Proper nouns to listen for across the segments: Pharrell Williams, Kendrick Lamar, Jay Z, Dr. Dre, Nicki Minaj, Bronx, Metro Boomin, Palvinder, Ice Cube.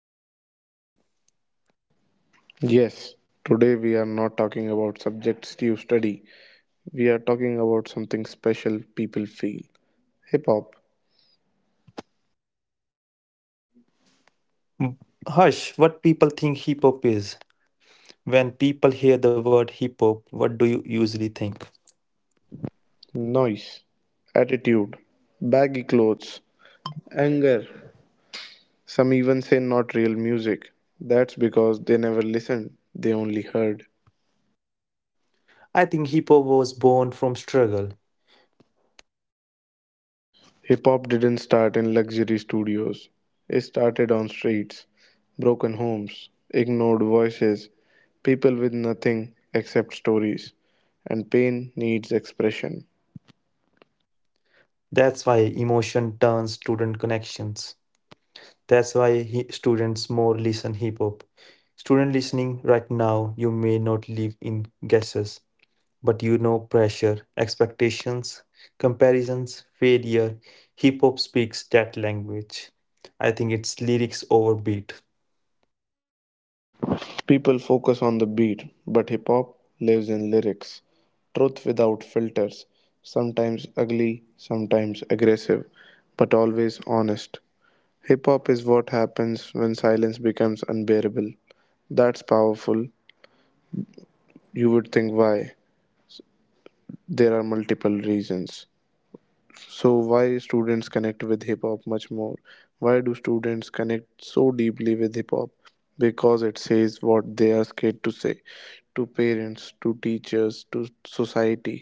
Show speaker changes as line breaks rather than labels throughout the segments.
is different.
Yes, today we are not talking about subjects you study. We are talking about something special people feel hip hop,
Hush, what people think hip hop is? When people hear the word hip hop, what do you usually think?
noise, attitude, baggy clothes, anger. Some even say not real music. That's because they never listened, they only heard.
I think hip hop was born from struggle.
Hip hop didn't start in luxury studios. It started on streets, broken homes, ignored voices, people with nothing except stories, and pain needs expression.
That's why emotion turns student connections. That's why students more listen hip hop. Student listening right now, you may not live in guesses. But pressure, expectations, comparisons, failure, hip hop speaks that language. I think it's lyrics over beat.
People focus on the beat, but hip hop lives in lyrics. Truth without filters, sometimes ugly, sometimes aggressive, but always honest. Hip hop is what happens when silence becomes unbearable. That's powerful. You would think, why? There are multiple reasons. So why students connect with hip hop much more? Why do students connect so deeply with hip hop? Because it says what they are scared to say, to parents, to teachers, to society.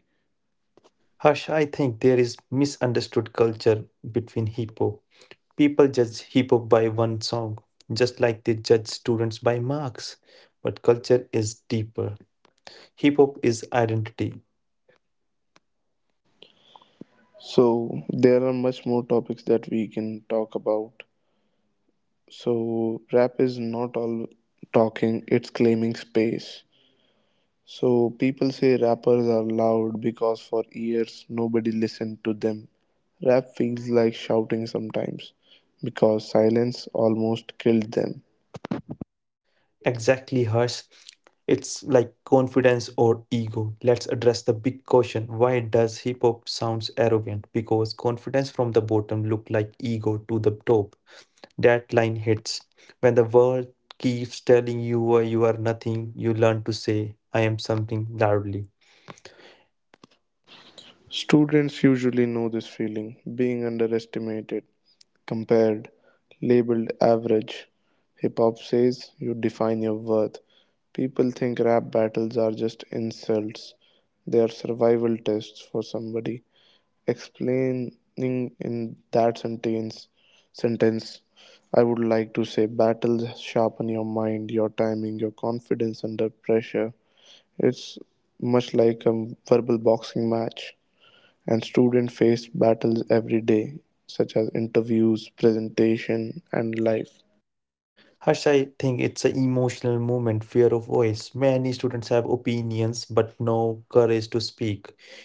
Harsh, I think there is misunderstood culture between hip hop. People judge hip hop by one song, just like they judge students by marks. But culture is deeper. Hip hop is identity.
So there are much more topics that we can talk about. So rap is not all talking, it's claiming space. So people say rappers are loud because for years nobody listened to them. Rap feels like shouting sometimes because silence almost killed them.
Exactly, Hers. It's like confidence or ego. Let's address the big question. Why does hip hop sounds arrogant? Because confidence from the bottom look like ego to the top. That line hits. When the world keeps telling you you are nothing, you learn to say I am something loudly.
Students usually know this feeling being underestimated, compared, labeled average. Hip hop says you define your worth. People think rap battles are just insults, they are survival tests for somebody. Explaining in that sentence, I would like to say battles sharpen your mind, your timing, your confidence under pressure. It's much like a verbal boxing match, and students face battles every day, such as interviews, presentation, and life.
Harsh, I think it's an emotional moment, fear of voice. Many students have opinions but no courage to speak.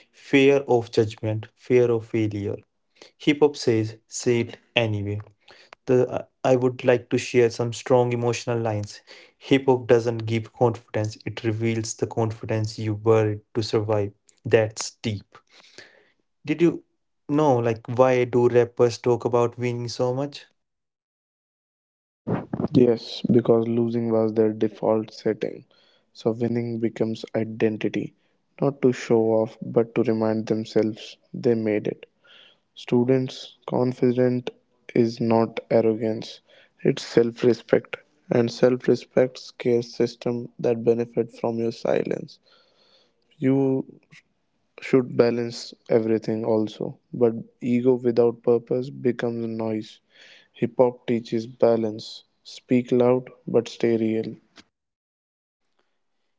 Fear of judgment, fear of failure. Hip hop says, say it anyway. I would like to share some strong emotional lines. Hip hop doesn't give confidence, it reveals the confidence you buried to survive. That's deep. Did you know, why do rappers talk about winning so much?
Yes, because losing was their default setting, so winning becomes identity, not to show off but to remind themselves they made it. Students' confident is not arrogance, it's self respect. And self respect scares system that benefit from your silence. You should balance everything also, but ego without purpose becomes noise. Hip hop teaches balance. Speak loud but stay real.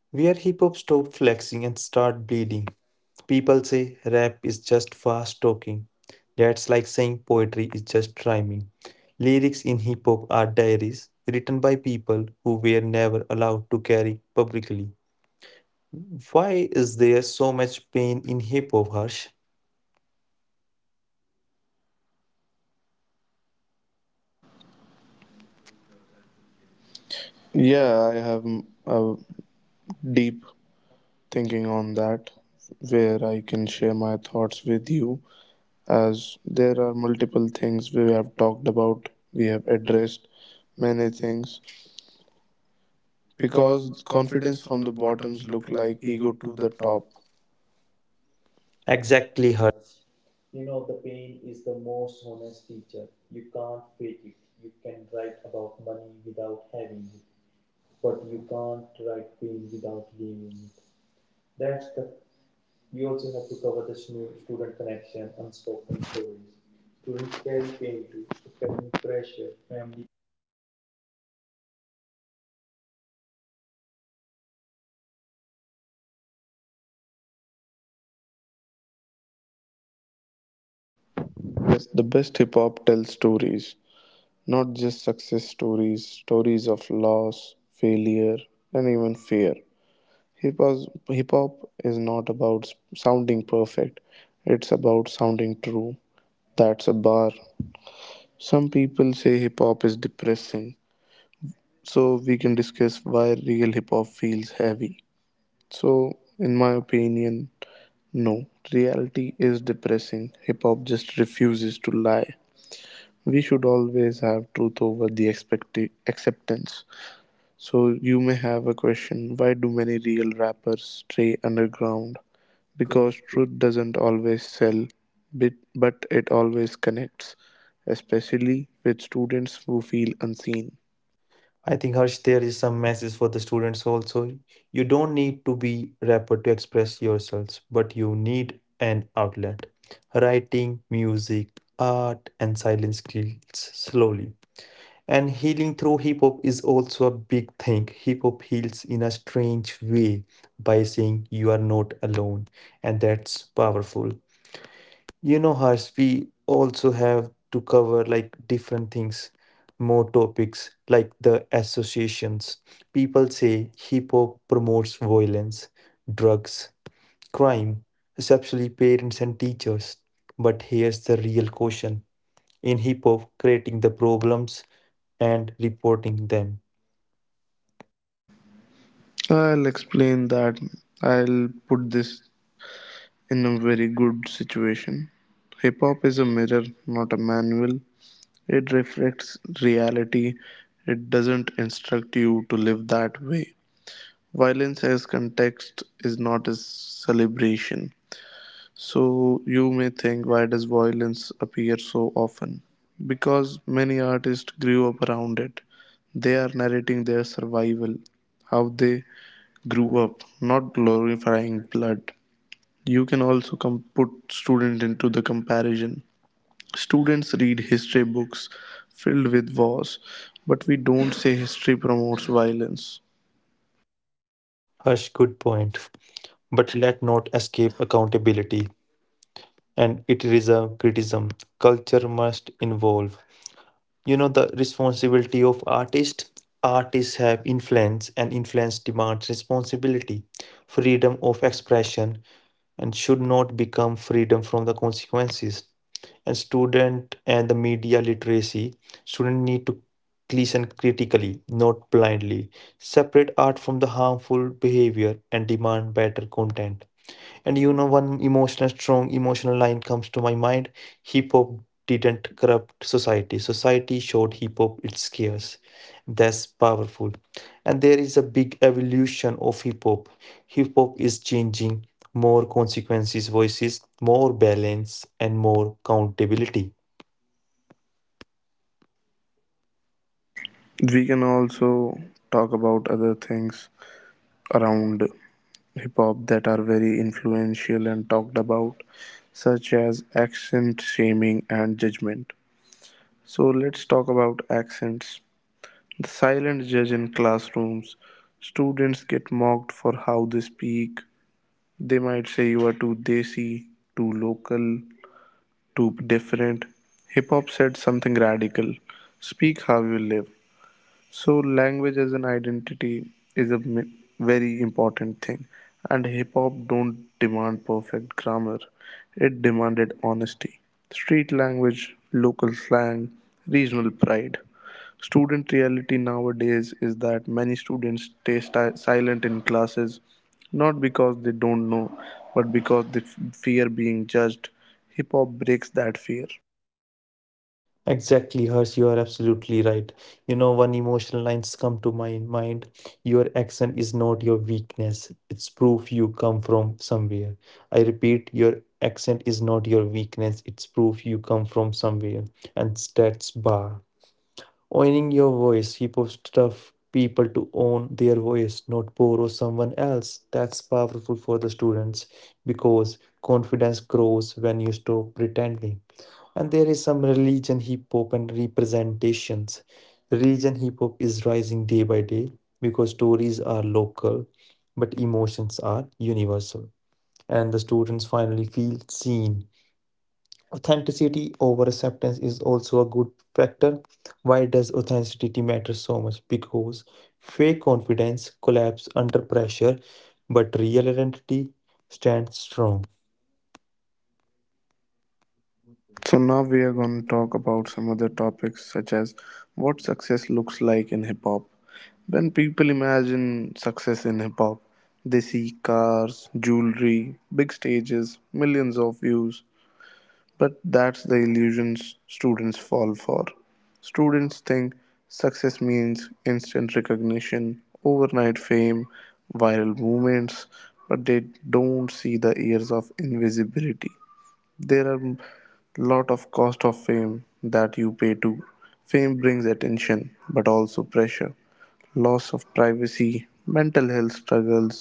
Where hip hop stopped flexing and start bleeding. People say rap is just fast talking. That's like saying poetry is just rhyming. Lyrics in hip hop are diaries written by people who were never allowed to carry publicly. Why is there so much pain in hip hop, Harsh?
Yeah, I have a deep thinking on that where I can share my thoughts with you. As there are multiple things we have talked about, we have addressed many things because confidence from the bottoms look like ego to the top.
Exactly, Harsh.
Yes, the best hip hop tells stories, not just success stories, stories of loss, failure, and even fear. Hip hop is not about sounding perfect, it's about sounding true. That's a bar. Some people say hip hop is depressing, so we can discuss why real hip hop feels heavy. So, in my opinion, no. Reality is depressing. Hip hop just refuses to lie. We should always have truth over the acceptance. So, you may have a question, why do many real rappers stay underground? Because truth doesn't always sell, but it always connects, especially with students who feel unseen.
I think, Harsh, there is some message for the students also. You don't need to be rapper to express yourselves, but you need an outlet. Writing, music, art, and silence kills slowly. And healing through hip hop is also a big thing. Hip hop heals in a strange way by saying you are not alone, and that's powerful. You know, Harsh, we also have to cover different things, more topics like the associations. People say hip hop promotes violence, drugs, crime, especially parents and teachers. But here's the real question in hip hop, creating the problems and reporting them.
I'll explain that. I'll put this in a very good situation. Hip hop is a mirror, not a manual. It reflects reality. It doesn't instruct you to live that way. Violence as context is not a celebration. So you may think, why does violence appear so often? Because many artists grew up around it. They are narrating their survival, how they grew up, not glorifying blood. You can also put student into the comparison. Students read history books filled with wars, but we don't say history promotes violence.
Harsh, good point. But let not escape accountability. And it is a criticism. Culture must involve. You know the responsibility of artists? Artists have influence and influence demands responsibility, freedom of expression, and should not become freedom from the consequences. And student and the media literacy student need to listen critically, not blindly, separate art from the harmful behavior and demand better content. And one emotional, strong emotional line comes to my mind. Hip hop didn't corrupt society, society showed hip hop its scars. That's powerful. And there is a big evolution of hip hop. Hip hop is changing more consequences, voices, more balance, and more accountability.
We can also talk about other things around hip hop that are very influential and talked about, such as accent shaming and judgment. So let's talk about accents. The silent judge in classrooms. Students get mocked for how they speak. They might say you are too desi, too local, too different. Hip hop said something radical: speak how you live. So, language as an identity is a very important thing, and hip hop don't demand perfect grammar. It demanded honesty, street language, local slang, regional pride. Student reality nowadays is that many students stay silent in classes, not because they don't know, but because they fear being judged. Hip hop breaks that fear.
Exactly, Harsh, you are absolutely right. One emotional lines come to my mind. Your accent is not your weakness. It's proof you come from somewhere. I repeat, your accent is not your weakness. It's proof you come from somewhere. And stats bar. Owning your voice, hip hop stuff people to own their voice, not borrow someone else. That's powerful for the students because confidence grows when you stop pretending. And there is some religion hip hop and representations. Religion hip hop is rising day by day because stories are local, but emotions are universal. And the students finally feel seen. Authenticity over acceptance is also a good factor. Why does authenticity matter so much? Because fake confidence collapses under pressure, but real identity stands strong.
So now we are going to talk about some other topics such as what success looks like in hip hop. When people imagine success in hip hop, they see cars, jewelry, big stages, millions of views. But that's the illusions students fall for. Students think success means instant recognition, overnight fame, viral movements, but they don't see the years of invisibility. There are lot of cost of fame that you pay to. Fame brings attention but also pressure, loss of privacy, mental health struggles.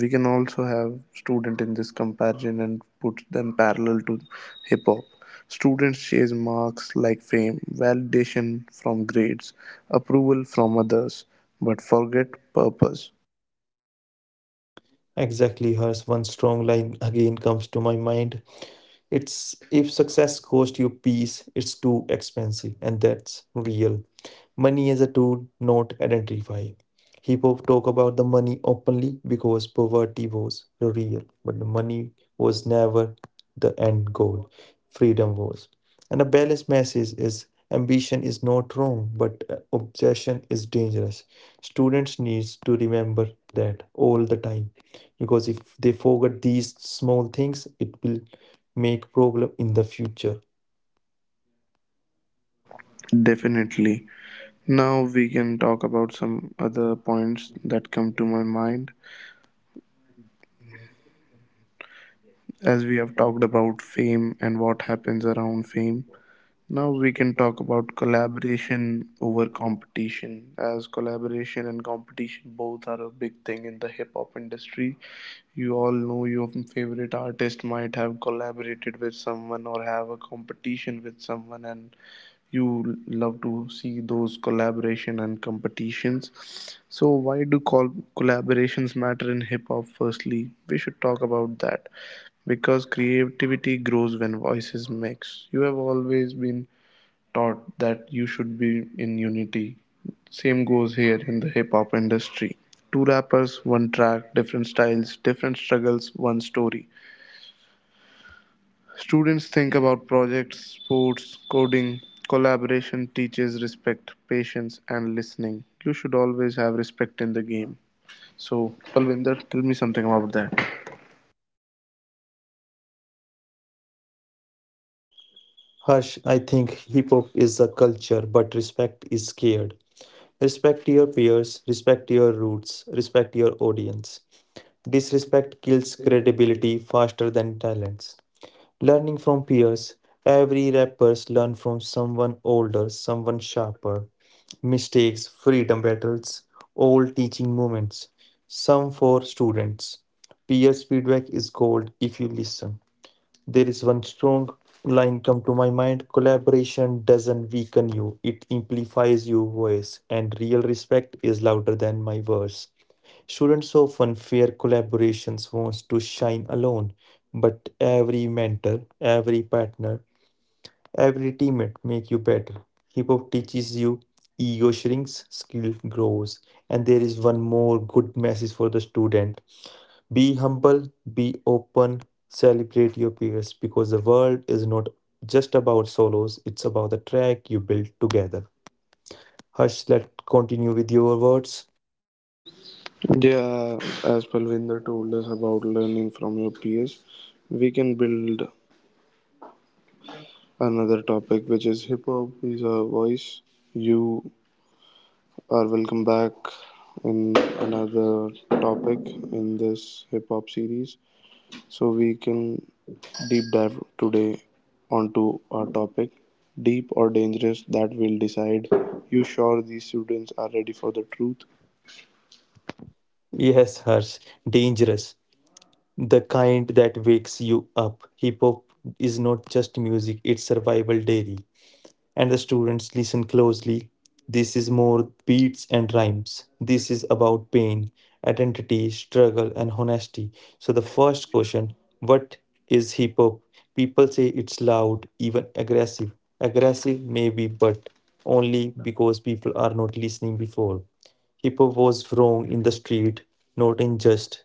We can also have student in this comparison and put them parallel to hip hop. Students chase marks like fame, validation from grades, approval from others, but forget purpose.
Exactly, hers, one strong line again comes to my mind. It's if success costs you peace, it's too expensive, and that's real. Money is a tool, not identify. Hip hop talk about the money openly because poverty was real, but the money was never the end goal. Freedom was. And a balanced message is ambition is not wrong, but obsession is dangerous. Students needs to remember that all the time because if they forget these small things it will make problem in the future.
Definitely. Now we can talk about some other points that come to my mind. As we have talked about fame and what happens around fame, now we can talk about collaboration over competition. As collaboration and competition both are a big thing in the hip hop industry. You all know your favorite artist might have collaborated with someone or have a competition with someone, and you love to see those collaboration and competitions. So why do collaborations matter in hip hop? Firstly, we should talk about that because creativity grows when voices mix. You have always been taught that you should be in unity, same goes here in the hip hop industry. Two rappers, one track, different styles, different struggles, one story. Students think about projects, sports, coding, collaboration teaches respect, patience, and listening. You should always have respect in the game. So, Palvinder, tell me something about that.
Harsh, I think hip hop is a culture, but respect is scared. Respect your peers, respect your roots, respect your audience. Disrespect kills credibility faster than talents. Learning from peers. Every rappers learn from someone older, someone sharper. Mistakes, freedom battles, all teaching moments. Some for students. Peers feedback is gold if you listen. There is one strong line come to my mind. Collaboration doesn't weaken you, it amplifies your voice, and real respect is louder than my words. Students often fear collaborations wants to shine alone, but every mentor, every partner, every teammate make you better. Hip hop teaches you ego shrinks, skill grows. And there is one more good message for the student. Be humble, be open, celebrate your peers because the world is not just about solos, it's about the track you build together. Harsh, let's continue with your words.
Yeah, as Palvinder told us about learning from your peers, we can build another topic which is hip hop is a voice. You are welcome back in another topic in this hip hop series. So we can deep dive today onto our topic, deep or dangerous, that will decide. You sure these students are ready for the truth?
Yes, Harsh, dangerous the kind that wakes you up. Hip hop is not just music, it's survival daily. And the students listen closely. This is more beats and rhymes. This is about pain, identity, struggle, and honesty. So, the first question what is hip hop? People say it's loud, even aggressive. Aggressive, maybe, but only because people are not listening before. Hip hop was wrong in the street, not in just.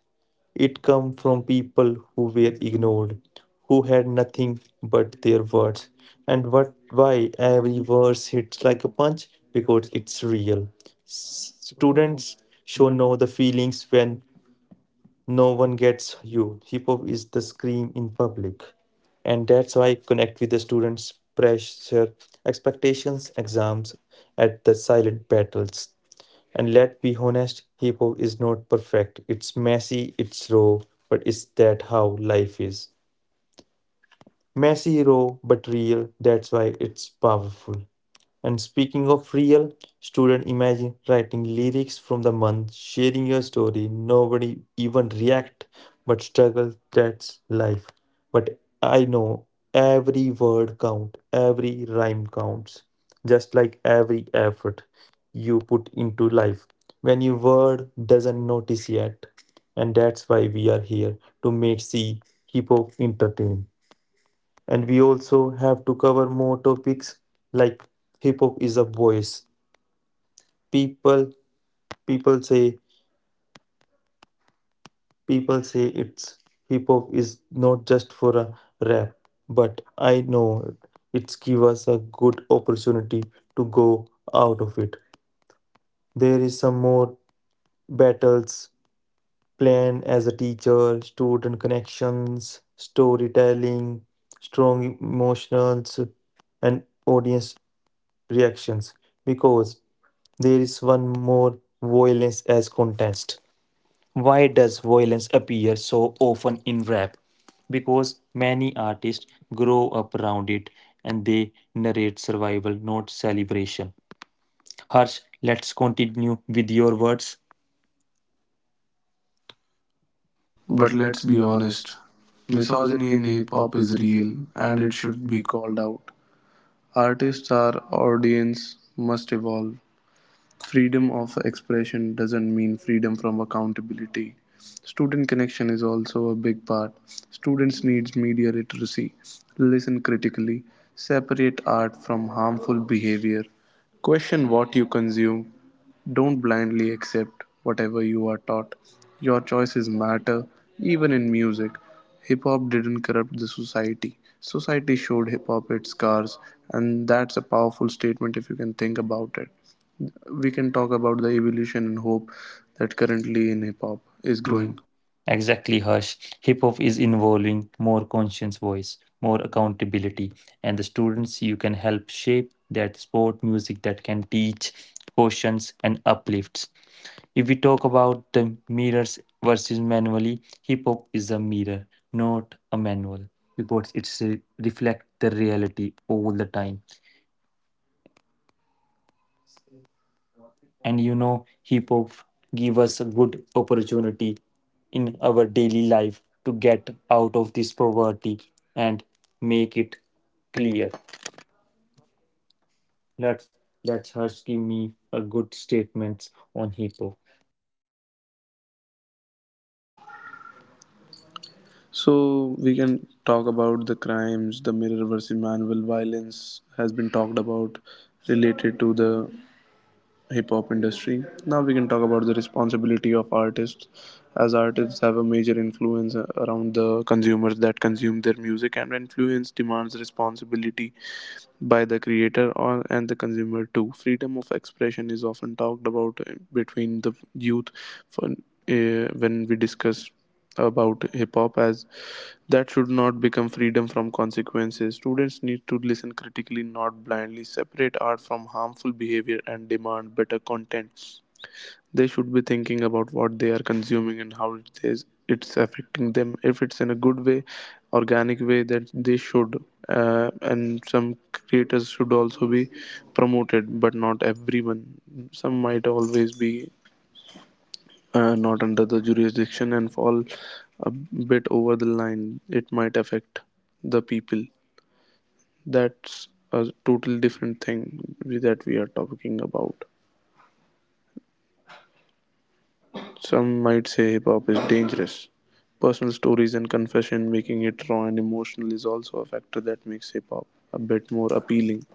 It came from people who were ignored, who had nothing but their words. And what why every verse hits like a punch? Because it's real. Students should know the feelings when no one gets you. Hip hop is the scream in public. And that's why I connect with the students' pressure, expectations, exams, at the silent battles. And let's be honest, hip hop is not perfect. It's messy, it's raw, but is that how life is? Messy, raw, but real. That's why it's powerful. And speaking of real, student imagine writing lyrics from the month, sharing your story, nobody even react, but struggle, that's life. But I know every word count, every rhyme counts, just like every effort you put into life. When your word doesn't notice yet, and that's why we are here to make see hip hop entertain and we also have to cover more topics like hip hop is a voice people people say people say it's hip hop is not just for a rap but I know it's give us a good opportunity to go out of it. There is some more battles plan as a teacher, student connections, storytelling, strong emotionals, and audience reactions because there is one more violence as contest. Why does violence appear so often in rap? Because many artists grow up around it and they narrate survival, not celebration. Harsh, let's continue with your words.
But let's be honest. Misogyny in hip hop is real and it should be called out. Artists, our audience must evolve. Freedom of expression doesn't mean freedom from accountability. Student connection is also a big part. Students needs media literacy, listen critically, separate art from harmful behavior, question what you consume, don't blindly accept whatever you are taught. Your choices matter even in music. Hip hop didn't corrupt the society. Society showed hip hop its scars, and that's a powerful statement if you can think about it. We can talk about the evolution and hope that currently in hip hop is growing.
Exactly, Harsh. Hip hop is involving more conscious voice, more accountability, and the students you can help shape that sport music that can teach, cautions, and uplifts. If we talk about the mirrors versus manually, hip hop is a mirror, not a manual, because it's reflect the reality all the time. And hip hop give us a good opportunity in our daily life to get out of this poverty and make it clear. That's that's Harsh give me a good statements on hip hop.
So we can talk about the crimes, the mirror versus manual violence has been talked about related to the hip hop industry. Now we can talk about the responsibility of artists, as artists have a major influence around the consumers that consume their music, and influence demands responsibility by the creator or and the consumer too. Freedom of expression is often talked about between the youth, for, when we discuss about hip hop as that should not become freedom from consequences. Students need to listen critically, not blindly, separate art from harmful behavior and demand better content. They should be thinking about what they are consuming and how it's affecting them, if it's in a good way, organic way that they should, and some creators should also be promoted but not everyone. Some might always be, not under the jurisdiction and fall a bit over the line, it might affect the people. That's a total different thing that we are talking about. Some might say hip hop is dangerous. Personal stories and confession, making it raw and emotional, is also a factor that makes hip hop a bit more appealing.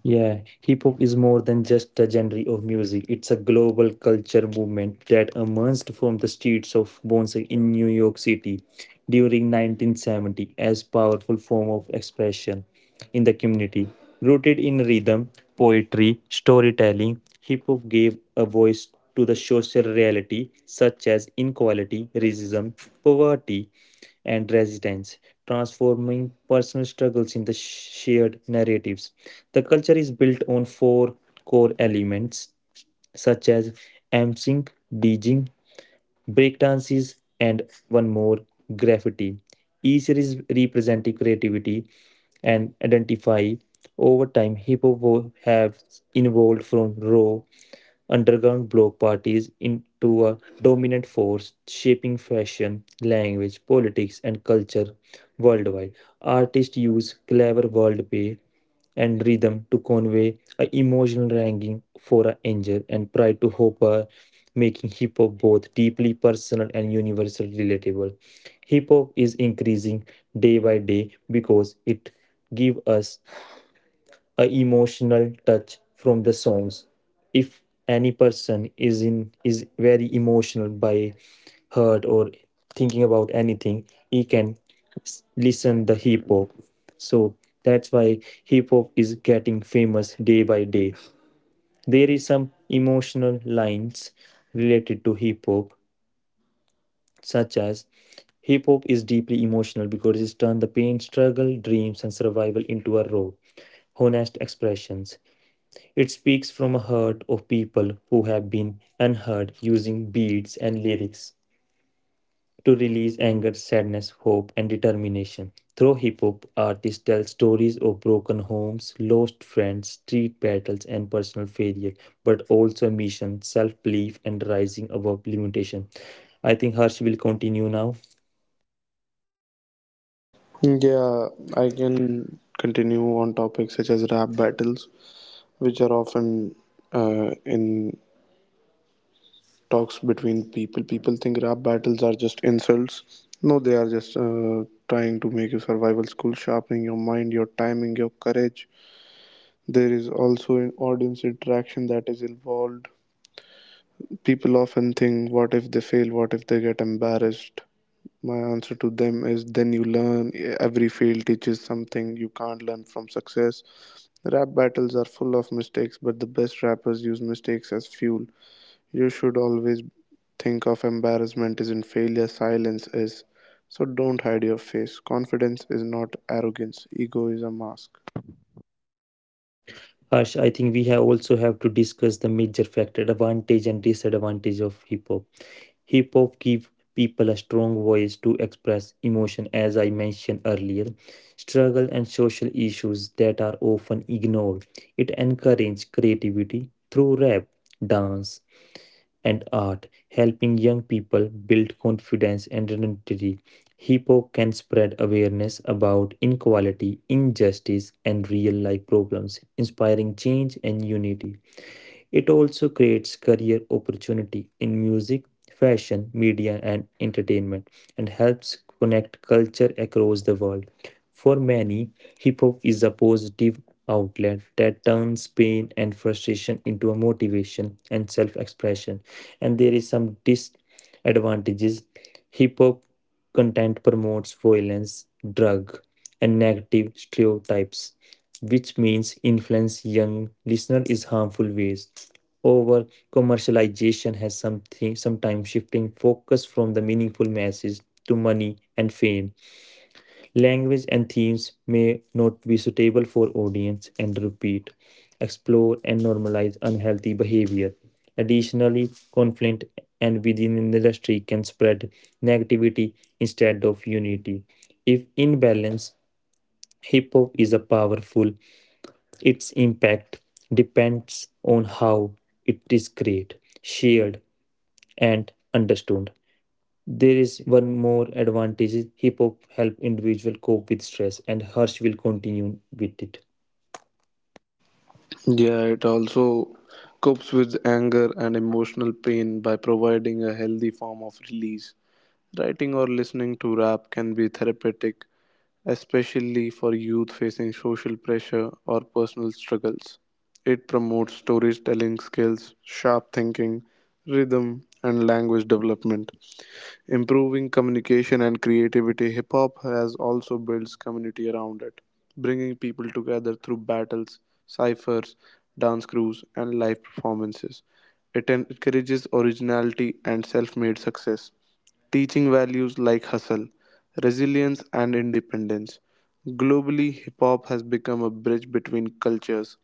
Yeah, hip hop is more than just a genre of music. It's a global culture movement that emerged from the streets of Bonsai in New York City during 1970 as powerful form of expression in the community. Rooted in rhythm, poetry, storytelling, hip hop gave a voice to the social reality such as inequality, racism, poverty, and resistance, transforming personal struggles into shared narratives. The culture is built on four core elements such as emceeing, DJing, breakdances, and one more graffiti. Each is representing creativity and identify. Over time, hip hop have evolved from raw underground block parties into a dominant force shaping fashion, language, politics, and culture worldwide. Artists use clever wordplay, and rhythm to convey a emotional longing for an angel and pride to Hopper, making hip hop both deeply personal and universally relatable. Hip hop is increasing day by day because it gives us a emotional touch from the songs. If any person is in is very emotional by hurt or thinking about anything, he can listen the hip hop. So that's why hip hop is getting famous day by day. There is some emotional lines related to hip hop, such as hip hop is deeply emotional because it's turned the pain, struggle, dreams, and survival into a raw, honest expressions. It speaks from a heart of people who have been unheard, using beats and lyrics to release anger, sadness, hope, and determination. Through hip hop, artists tell stories of broken homes, lost friends, street battles, and personal failure, but also mission, self belief, and rising above limitation. I think Harsh will continue now.
Yeah, I can continue on topics such as rap battles, which are often, in talks between people. People think rap battles are just insults. No, they are just trying to make you survival school, sharpening your mind, your timing, your courage. There is also an audience interaction that is involved. People often think, what if they fail? What if they get embarrassed? My answer to them is, then you learn. Every fail teaches something you can't learn from success. Rap battles are full of mistakes, but the best rappers use mistakes as fuel. You should always think of embarrassment isn't failure, silence is. So don't hide your face. Confidence is not arrogance, ego is a mask.
Harsh, I think we have also have to discuss the major factor advantage and disadvantage of hip hop. Hip hop gives people a strong voice to express emotion, as I mentioned earlier, struggle and social issues that are often ignored. It encourages creativity through rap, dance, and art, helping young people build confidence and identity. Hip hop can spread awareness about inequality, injustice, and real life problems, inspiring change and unity. It also creates career opportunity in music, fashion, media, and entertainment, and helps connect culture across the world. For many, hip hop is a positive outlet that turns pain and frustration into a motivation and self expression. And there is some disadvantages. Hip hop content promotes violence, drug, and negative stereotypes, which means influence young listener is harmful ways. Over commercialization has something sometimes shifting focus from the meaningful message to money and fame. Language and themes may not be suitable for audience and repeat, explore and normalize unhealthy behavior. Additionally, conflict and within an industry can spread negativity instead of unity. If in balance, hip hop is a powerful, its impact depends on how it is created, shared and understood. There is one more advantage. Hip hop help individual cope with stress and Harsh will continue with it.
Yeah, it also copes with anger and emotional pain by providing a healthy form of release. Writing or listening to rap can be therapeutic, especially for youth facing social pressure or personal struggles. It promotes storytelling skills, sharp thinking, rhythm, and language development. Improving communication and creativity, hip hop has also builds community around it, bringing people together through battles, ciphers, dance crews, and live performances. It encourages originality and self made success, teaching values like hustle, resilience, and independence. Globally, hip hop has become a bridge between cultures,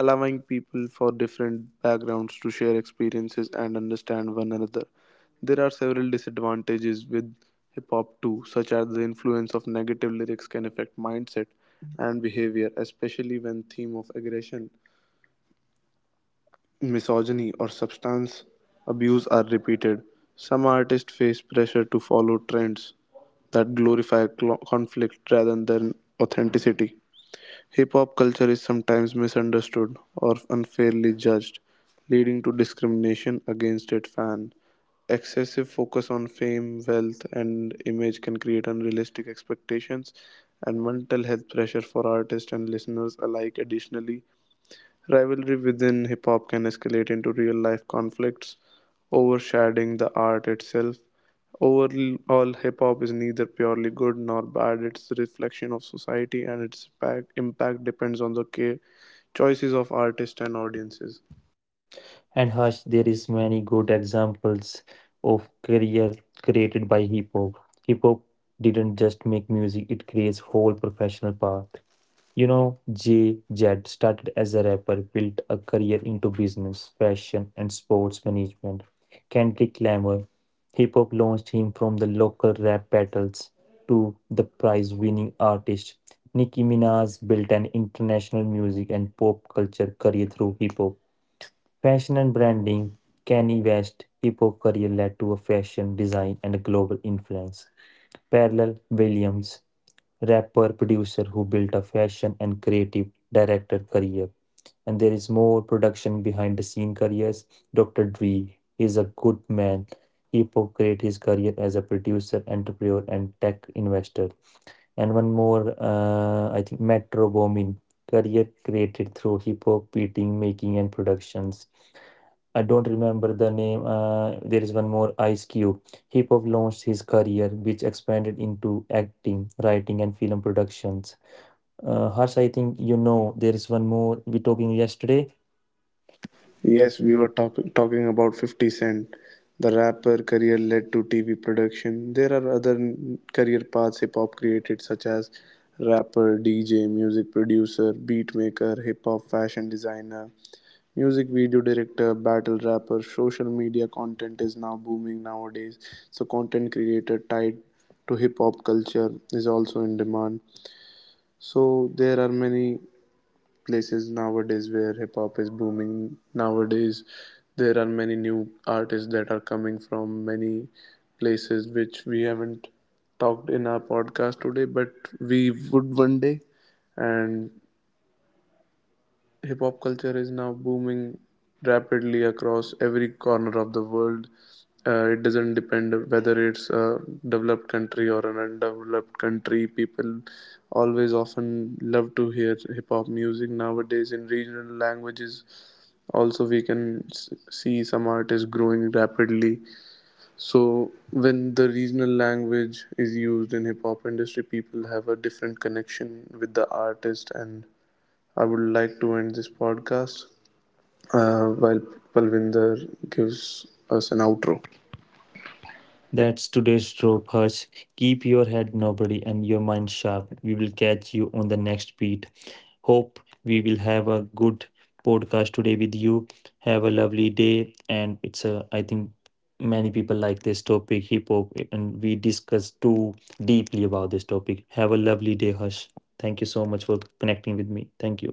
allowing people from different backgrounds to share experiences and understand one another. There are several disadvantages with hip hop too, such as the influence of negative lyrics can affect mindset and behavior, especially when theme of aggression, misogyny, or substance abuse are repeated. Some artists face pressure to follow trends that glorify conflict rather than authenticity. Hip hop culture is sometimes misunderstood or unfairly judged, leading to discrimination against its fans. Excessive focus on fame, wealth, and image can create unrealistic expectations and mental health pressure for artists and listeners alike. Additionally, rivalry within hip hop can escalate into real life conflicts, overshadowing the art itself. Overall, hip hop is neither purely good nor bad, it's a reflection of society, and its impact, depends on the choices of artists and audiences.
And hush, there is many good examples of career created by hip hop. Hip hop didn't just make music, it creates whole professional path. You know, Jay Z started as a rapper, built a career into business, fashion, and sports management. Kendrick Lamar, hip hop launched him from the local rap battles to the prize winning artist. Nicki Minaj built an international music and pop culture career through hip hop. Fashion and branding. Kanye West's hip hop career led to a fashion design and a global influence. Parallel Williams, rapper producer who built a fashion and creative director career. And there is more production behind the scene careers. Dr. Dre is a good man. Hip hop created his career as a producer, entrepreneur, and tech investor. And one more, I think Metro Booming, career created through hip hop beating, making, and productions. I don't remember the name. There is one more Ice Cube. Hip hop launched his career, which expanded into acting, writing, and film productions. Harsh, I think you know there is one more we talking yesterday.
Yes, we were talking about 50 Cent. The rapper career led to TV production. There are other career paths hip hop created, such as rapper, DJ, music producer, beat maker, hip hop fashion designer, music video director, battle rapper. Social media content is now booming nowadays, so, content creator tied to hip hop culture is also in demand. So, there are many places nowadays where hip hop is booming nowadays. There are many new artists that are coming from many places which we haven't talked in our podcast today, but we would one day. And hip hop culture is now booming rapidly across every corner of the world. It doesn't depend whether it's a developed country or an undeveloped country. People always often love to hear hip hop music nowadays in regional languages. Also, we can see some artists growing rapidly. So, when the regional language is used in hip hop industry, people have a different connection with the artist. And I would like to end this podcast, while Palvinder gives us an outro.
That's today's trope, Harsh. Keep your head nobody and your mind sharp. We will catch you on the next beat. Hope we will have a good podcast today with you. Have a lovely day. And I think many people like this topic, hip hop, and we discussed too deeply about this topic. Have a lovely day, Hush. Thank you so much for connecting with me. Thank you.